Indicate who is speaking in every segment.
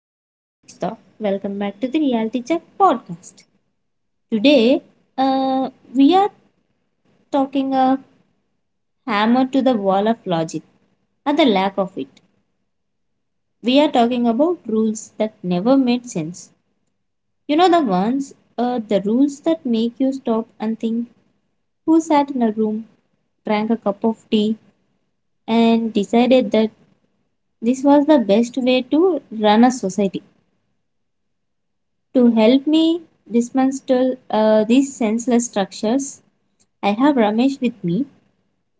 Speaker 1: this is Ruchita. Welcome back to the Reality Check podcast. Today, uh, we are talking a hammer to the wall of logic and the lack of it. We are talking about rules that never made sense. You know the ones, the rules that make you stop and think who sat in a room, drank a cup of tea, and decided that this was the best way to run a society. To help me dismantle these senseless structures, I have Ramesh with me.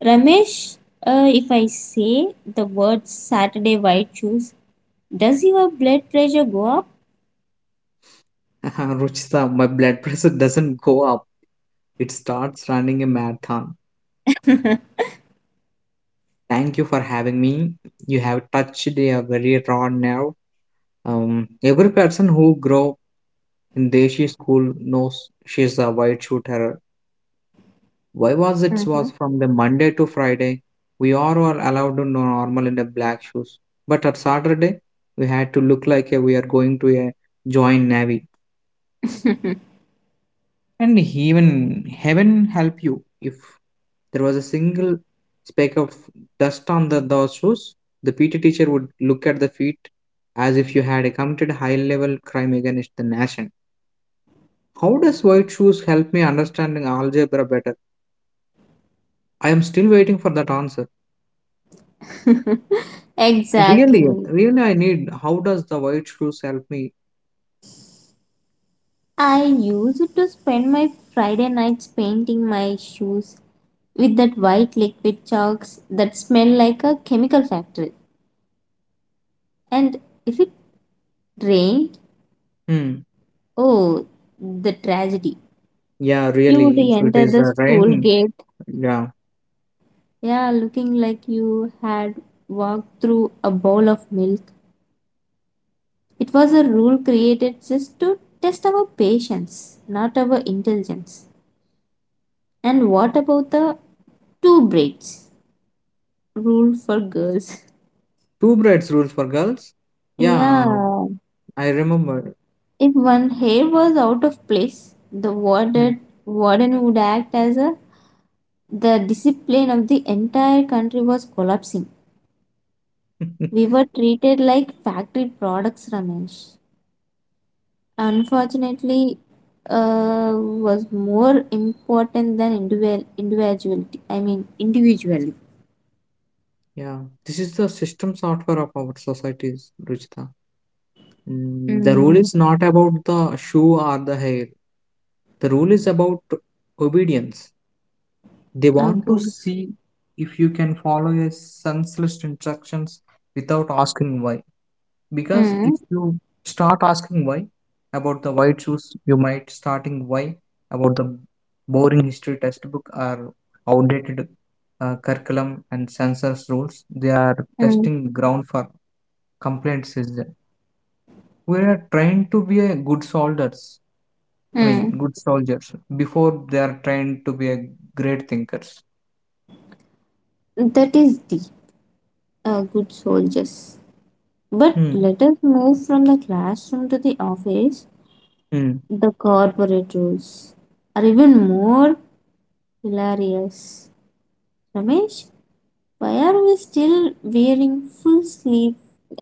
Speaker 1: Ramesh, if I say the word Saturday white shoes, does your blood pressure go up?
Speaker 2: Ruchita, my blood pressure doesn't go up. It starts running a marathon. Thank you for having me. You have touched a very raw nerve. Every person who grew up in Deshi school knows she's a white shoe terror. Why was it was
Speaker 1: Mhm.
Speaker 2: from the Monday to Friday? We all were allowed to know normal in the black shoes. But at Saturday, we had to look like we are going to a join Navy. And even heaven help you if there was a single speck of dust on those shoes, the pt teacher would look at the feet as if you had committed high level crime against the nation. How does white shoes help me understanding algebra better? I am still waiting for that answer. I really
Speaker 1: Exactly.
Speaker 2: really I need how does the white shoes help me?
Speaker 1: I used to spend my Friday nights painting my shoes with that white liquid chalks that smell like a chemical factory. And if it rained,
Speaker 2: Hmm.
Speaker 1: oh, the tragedy.
Speaker 2: Yeah,
Speaker 1: You would
Speaker 2: really if it
Speaker 1: enter
Speaker 2: is
Speaker 1: the school
Speaker 2: rain.
Speaker 1: gate,
Speaker 2: Yeah,
Speaker 1: yeah, looking like you had walked through a bowl of milk. It was a rule created just to test our patience, not our intelligence. And what about the two braids rule for girls?
Speaker 2: two braids rules for girls. Yeah,
Speaker 1: Yeah,
Speaker 2: I remember.
Speaker 1: if one hair was out of place, the
Speaker 2: Hmm.
Speaker 1: warden would act as a the discipline of the entire country was collapsing. We were treated like factory products, Ramesh. Unfortunately, was more important than individual individuality I mean individually.
Speaker 2: Yeah, this is the system software of our societies, Ruchita. Mm, the rule
Speaker 1: mm,
Speaker 2: is not about the shoe or the hair. The rule is about obedience. They want to
Speaker 1: okay.
Speaker 2: see if you can follow a senseless instructions without asking why, because
Speaker 1: mm,
Speaker 2: if you start asking why about the white shoes you might starting why about the boring history textbook or outdated curriculum and census rules. They are
Speaker 1: mm,
Speaker 2: testing ground for complaint citizen. We are trained to be a good soldiers, I mean
Speaker 1: mm.
Speaker 2: good soldiers before they are trained to be a great thinkers.
Speaker 1: That is the good soldiers. But
Speaker 2: Hmm.
Speaker 1: let us move from the classroom to the office.
Speaker 2: Hmm.
Speaker 1: The corporate rules are even more hilarious, Ramesh. Why are we still wearing full sleeve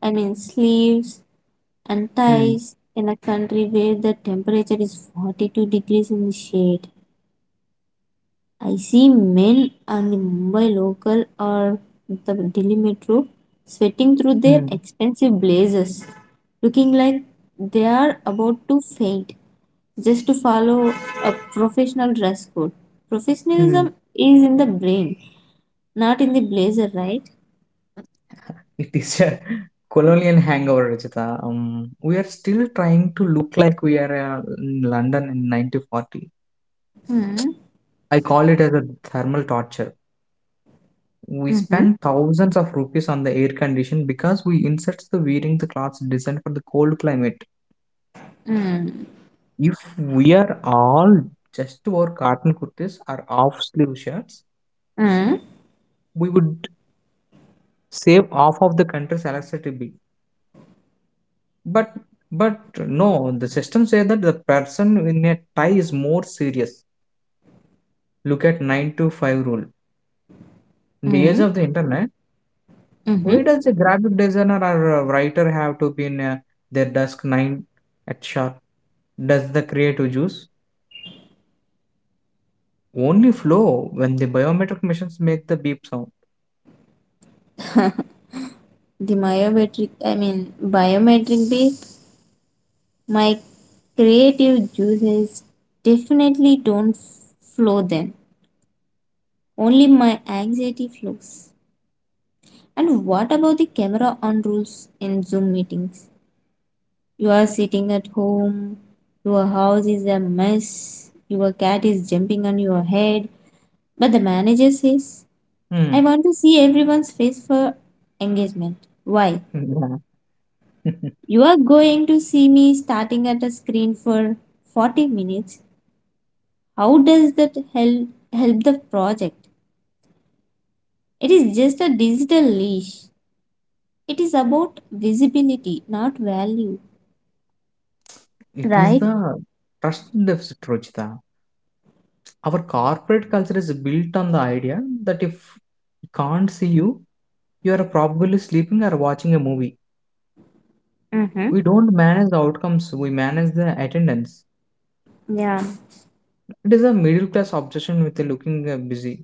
Speaker 1: I mean sleeves and
Speaker 2: Hmm.
Speaker 1: ties in a country where the temperature is 42 degrees in the shade? I see men on the Mumbai local or the Delhi metro sweating through their
Speaker 2: Hmm.
Speaker 1: expensive blazers, looking like they are about to faint just to follow a professional dress code.
Speaker 2: Hmm.
Speaker 1: Professionalism is in the brain, not in the blazer, right?
Speaker 2: It is a colonial hangover, Rajita. We are still trying to look like we are in London in 1940.
Speaker 1: Mm-hmm.
Speaker 2: I call it as a thermal torture. We
Speaker 1: Mm-hmm.
Speaker 2: spend thousands of rupees on the air condition because we insert the wearing the clothes designed for the cold climate. If we are all just wore cotton kurtis or off sleeve shirts,
Speaker 1: Mm-hmm.
Speaker 2: we would save half of the country's electricity bill. But but no, the system says that the person in a tie is more serious. Look at 9 to 5 rule. In the age of the internet,
Speaker 1: Mm-hmm.
Speaker 2: why does a graphic designer or a writer have to be in their desk 9 at sharp? Does the creative juice only flow when the biometric machines make the beep sound?
Speaker 1: the biometric I mean biometric bit, my creative juices definitely don't flow then. Only my anxiety flows. And what about the camera on rules in Zoom meetings? You are sitting at home, your house is a mess, your cat is jumping on your head, but the manager says, I
Speaker 2: Hmm.
Speaker 1: want to see everyone's face for engagement. Why?
Speaker 2: Yeah.
Speaker 1: You are going to see me starting at a screen for 40 minutes. How does that help the project? It is just a digital leash. It is about visibility, not value.
Speaker 2: It is
Speaker 1: Right?
Speaker 2: the trust deficit, Rochita. Our corporate culture is built on the idea that if we can't see you, you are probably sleeping or watching a movie.
Speaker 1: Mm-hmm.
Speaker 2: We don't manage the outcomes, we manage the attendance.
Speaker 1: Yeah.
Speaker 2: It is a middle class obsession with looking busy.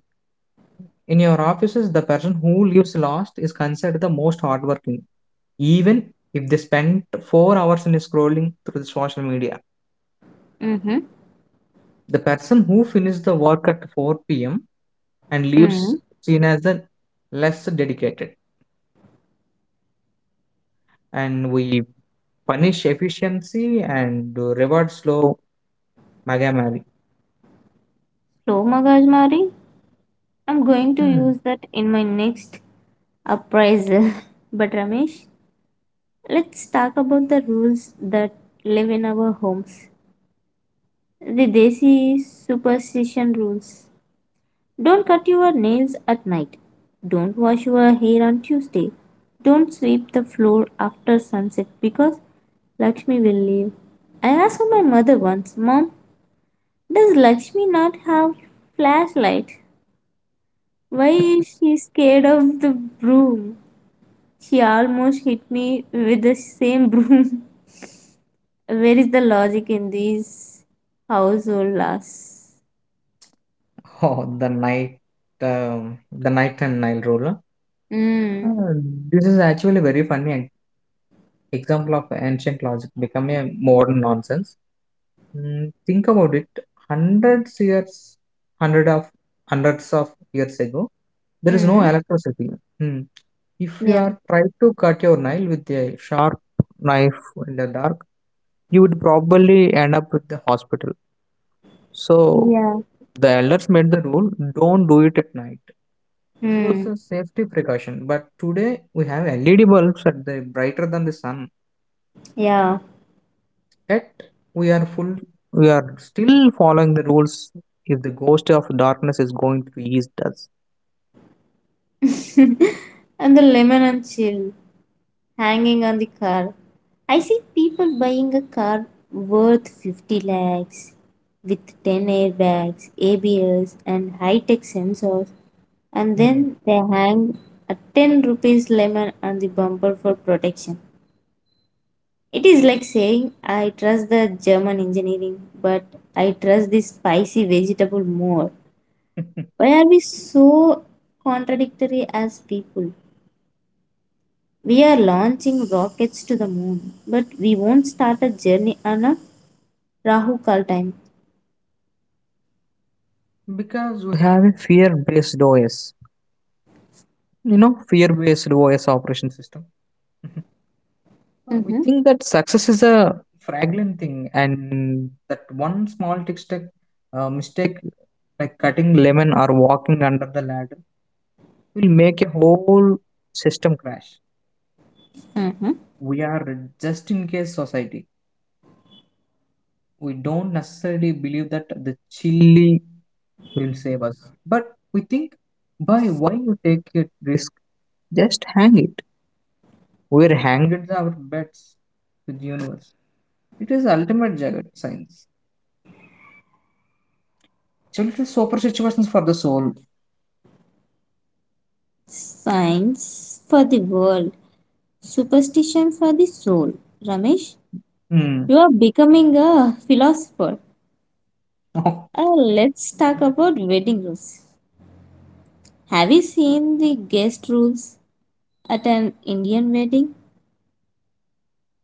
Speaker 2: In your offices, the person who leaves last is considered the most hardworking, even if they spent 4 hours in scrolling through the social media.
Speaker 1: Mm-hmm.
Speaker 2: The person who finishes the work at 4 p.m. and leaves
Speaker 1: Mm-hmm.
Speaker 2: seen as the less dedicated. And we punish efficiency and reward slow megamary.
Speaker 1: So, Magajmari, I'm going to
Speaker 2: Hmm.
Speaker 1: use that in my next appraisal. But Ramesh, let's talk about the rules that live in our homes. The Desi superstition rules. Don't cut your nails at night. Don't wash your hair on Tuesday. Don't sweep the floor after sunset because Lakshmi will leave. I asked my mother once, Mom, does Lakshmi not have flashlight? Why is she scared of the broom? She almost hit me with the same broom. Where is the logic in these household laws?
Speaker 2: Oh, the night and Nile roller.
Speaker 1: Mm.
Speaker 2: Uh, this is actually very funny example of ancient logic become a modern nonsense. Mm, think about it. Hundreds years, hundred of hundreds of years ago, there is no
Speaker 1: Mm.
Speaker 2: electricity. Hmm. If you
Speaker 1: Yeah.
Speaker 2: are trying to cut your nail with a sharp knife in the dark, you would probably end up with the hospital. So
Speaker 1: Yeah.
Speaker 2: the elders made the rule: don't do it at night. It was
Speaker 1: Mm.
Speaker 2: a safety precaution. But today we have LED bulbs that are brighter than the sun.
Speaker 1: Yeah.
Speaker 2: Yet we are full we are still following the rules if the ghost of darkness is going to eat us.
Speaker 1: And the lemon and chill hanging on the car. I see people buying a car worth 50 lakhs with 10 airbags, ABS, and high tech sensors, and
Speaker 2: Hmm.
Speaker 1: then they hang a 10 rupees lemon on the bumper for protection. It is like saying, I trust the German engineering, but I trust this spicy vegetable more. Why are we so contradictory as people? We are launching rockets to the moon, but we won't start a journey on a Rahu Kal time.
Speaker 2: Because we have a fear-based OS. You know, fear-based OS operation system. We
Speaker 1: Mm-hmm.
Speaker 2: think that success is a fragrant thing and that one small tick mistake like cutting lemon or walking under the ladder will make a whole system crash.
Speaker 1: Mm-hmm.
Speaker 2: We are just in case society. We don't necessarily believe that the chili will save us, but we think, by why you take a risk? Just hang it. We're hanged our bets with the universe. It is ultimate jagat science. So it is super situations for the soul.
Speaker 1: Science for the world, superstition for the soul. Ramesh,
Speaker 2: Hmm.
Speaker 1: you are becoming a philosopher.
Speaker 2: Oh,
Speaker 1: Uh, let's talk about wedding rules. Have you seen the guest rules at an Indian wedding?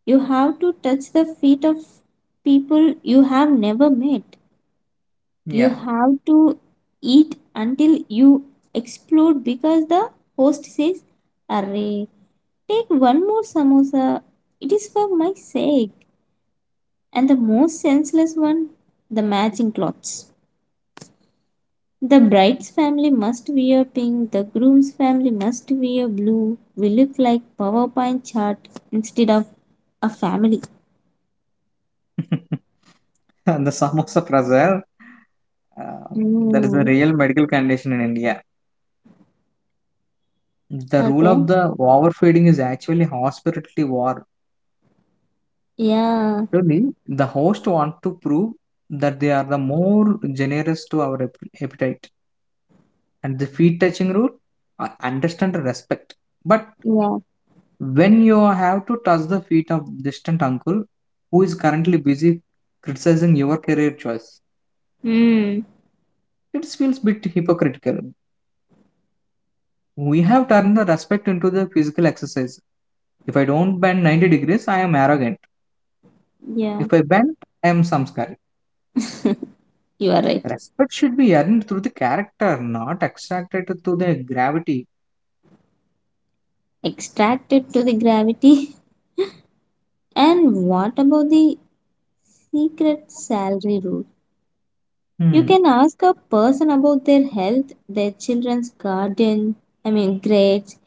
Speaker 1: You have to touch the feet of people you have never met. You
Speaker 2: yeah.
Speaker 1: have to eat until you explode because the host says, Array, take one more samosa. It is for my sake. And the most senseless one, the matching clothes. The bride's family must wear pink, the groom's family must wear blue. We look like PowerPoint chart instead of a family.
Speaker 2: And the samosa prasar, uh, that is a
Speaker 1: Mm.
Speaker 2: real medical condition in India. The rule
Speaker 1: Okay.
Speaker 2: of the overfeeding is actually hospitality war.
Speaker 1: Yeah.
Speaker 2: Surely, the host want to prove that they are the more generous to our appetite. And the feet touching rule, I understand the respect. But
Speaker 1: Yeah.
Speaker 2: when you have to touch the feet of distant uncle who is currently busy criticizing your career choice,
Speaker 1: Mm.
Speaker 2: it feels bit hypocritical. We have turned the respect into the physical exercise. If I don't bend 90 degrees, I am arrogant.
Speaker 1: Yeah.
Speaker 2: If I bend, I am samskari.
Speaker 1: You are right.
Speaker 2: Respect should be earned through the character, not extracted through the gravity.
Speaker 1: Extracted to the gravity. And what about the secret salary rule? You
Speaker 2: Hmm.
Speaker 1: can ask a person about their health, their children's garden, I mean grades,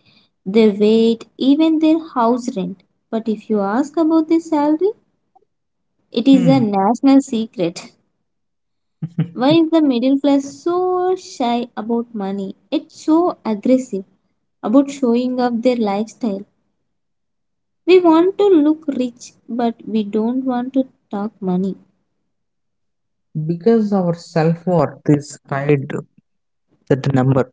Speaker 1: their weight, even their house rent. But if you ask about the salary, it is a
Speaker 2: Hmm.
Speaker 1: national secret. Why is the middle class so shy about money? It's so aggressive about showing off their lifestyle. We want to look rich, but we don't want to talk money.
Speaker 2: Because our self worth is tied to the number.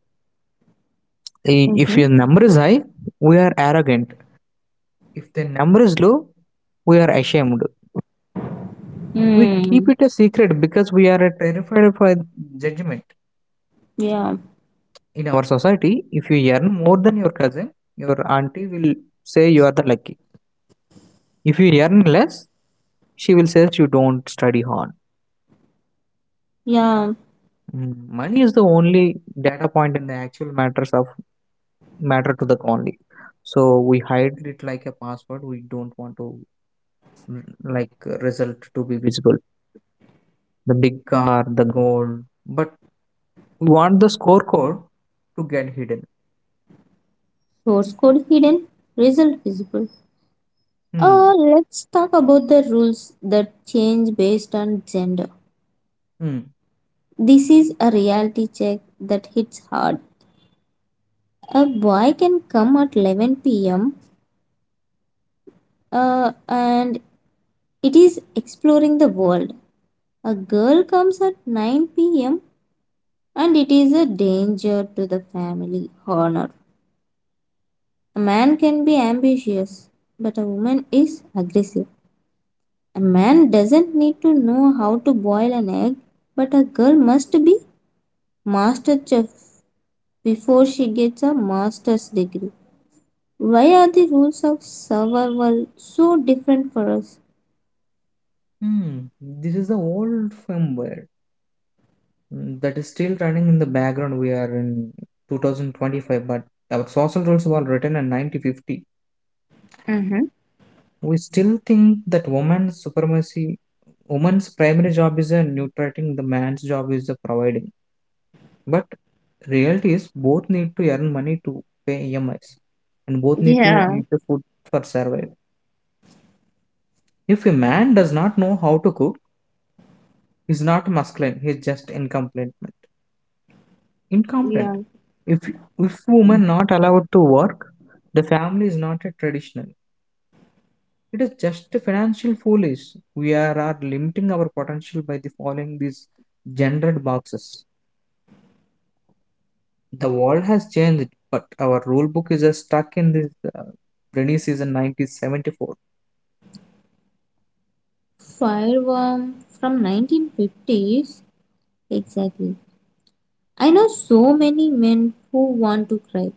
Speaker 2: If
Speaker 1: Mhm.
Speaker 2: your number is high, we are arrogant. If the number is low, we are ashamed. We keep
Speaker 1: Hmm.
Speaker 2: it a secret because we are terrified of a judgment.
Speaker 1: Yeah.
Speaker 2: In our society, if you earn more than your cousin, your auntie will say you are the lucky. If you earn less, she will say you don't study hard.
Speaker 1: Yeah.
Speaker 2: Mm, money is the only data point in the actual matters of matter to the only, so we hide it like a password. We don't want to, mm, like result to be visible, the big car, the gold, but we want the scorecard to get hidden.
Speaker 1: Source code hidden, result visible.
Speaker 2: Hmm.
Speaker 1: Let's talk about the rules that change based on gender.
Speaker 2: Hmm.
Speaker 1: This is a reality check that hits hard. A boy can come at 11 p.m. And it is exploring the world. A girl comes at 9 p.m. and it is a danger to the family honor. A man can be ambitious, but a woman is aggressive. A man doesn't need to know how to boil an egg, but a girl must be master chef before she gets a master's degree. Why are the rules of survival so different for us?
Speaker 2: Hmm. This is the old firmware, mm, that is still running in the background. We are in 2025, but our social rules were written in 1950.
Speaker 1: Mm-hmm.
Speaker 2: We still think that woman's primary job is a neutrating, the man's job is the providing. But reality is both need to earn money to pay EMIs and both need to
Speaker 1: Yeah.
Speaker 2: eat the food for survival. If a man does not know how to cook, he's not masculine, he's just incompetent.
Speaker 1: Yeah.
Speaker 2: Incompetent. If if woman not allowed to work, the family is not a traditional. It is just a financial foolish. We are limiting our potential by the following these gendered boxes. The world has changed, but our rule book is stuck in this rainy season 1974.
Speaker 1: Fireworm from 1950s. Exactly. I know so many men who want to cry,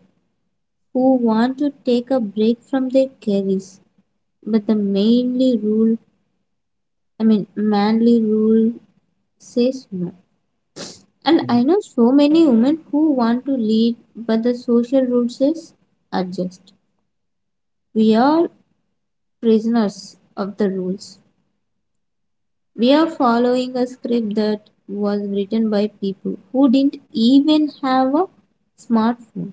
Speaker 1: who want to take a break from their careers, but the mainly rule I mean, manly rule says no. And I know so many women who want to lead, but the social rule says adjust. We are prisoners of the rules. We are following a script that was written by people who didn't even have a smartphone.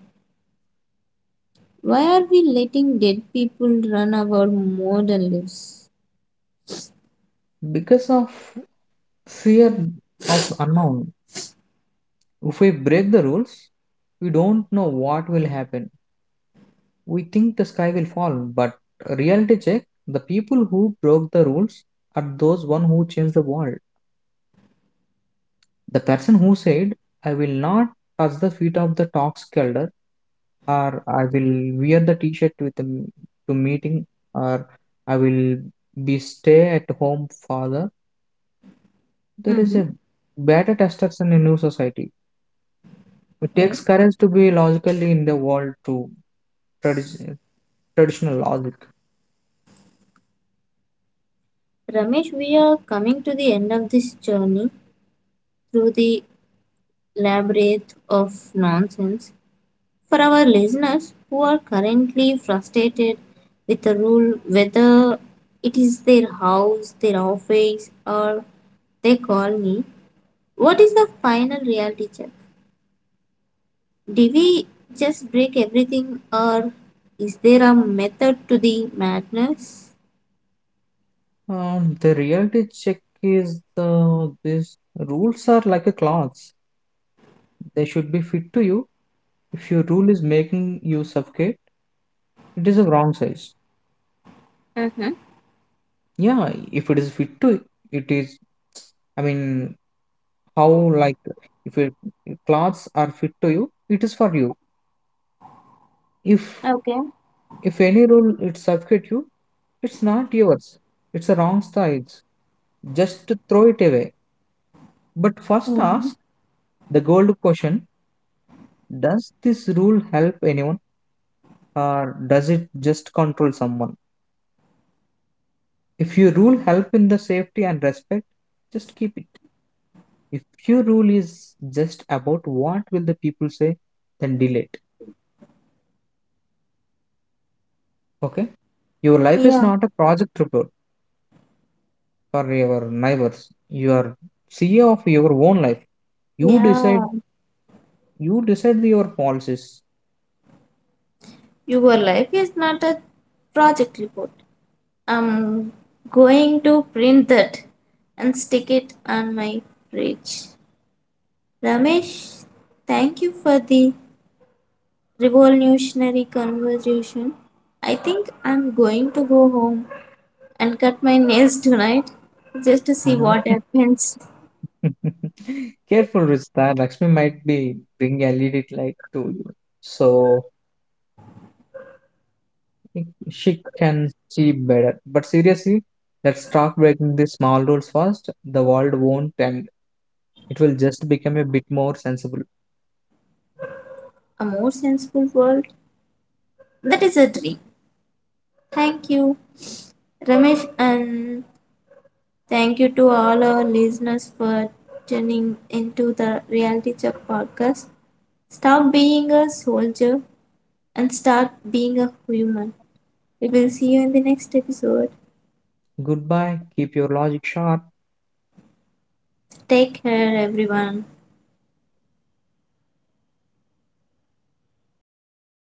Speaker 1: Why are we letting dead people run our modern lives?
Speaker 2: Because of fear of the unknown. If we break the rules, we don't know what will happen. We think the sky will fall, but reality check the people who broke the rules are those one who changed the world. The person who said, I will not touch the feet of the toxic elder, or I will wear the t-shirt with the to meeting, or I will be stay at home father. There is
Speaker 1: Mm-hmm.
Speaker 2: a better testosterone in new society. It
Speaker 1: Okay.
Speaker 2: takes courage to be logically in the world to tradi- traditional logic.
Speaker 1: Ramesh, we are coming to the end of this journey through the labyrinth of nonsense for our listeners who are currently frustrated with the rule whether it is their house, their office, or their colony. What is the final reality check? Do we just break everything, or is there a method to the madness?
Speaker 2: The reality check is the these rules are like a clothes. They should be fit to you. If your rule is making you suffocate, it is a wrong size.
Speaker 1: Mm-hmm.
Speaker 2: Yeah, if it is fit to it is. I mean, how like if your clothes are fit to you, it is for you. If
Speaker 1: Okay.
Speaker 2: if any rule it suffocate you, it's not yours. It's a wrong size. Just throw it away. But first
Speaker 1: Mm-hmm.
Speaker 2: ask the gold question. Does this rule help anyone, or does it just control someone? If your rule help in the safety and respect, just keep it. If your rule is just about what will the people say, then delete. Okay? Your life is
Speaker 1: Yeah.
Speaker 2: not a project report for your neighbors. You are CEO of your own life. You
Speaker 1: Yeah.
Speaker 2: decide you decide your policies.
Speaker 1: Your life is not a project report. I'm going to print that and stick it on my fridge. Ramesh, thank you for the revolutionary conversation. I think I'm going to go home and cut my nails tonight just to see what
Speaker 2: Mm-hmm.
Speaker 1: happens.
Speaker 2: Careful with that. Lakshmi might be bring LED light to you, so she can see better. But seriously, let's start breaking these small rules first. The world won't end. It will just become a bit more sensible.
Speaker 1: A more sensible world? That is a dream. Thank you, Ramesh, and thank you to all our listeners for tuning into the Reality Check podcast. Stop being a soldier and start being a human. We will see you in the next episode.
Speaker 2: Goodbye. Keep your logic sharp.
Speaker 1: Take care, everyone.
Speaker 2: Okay.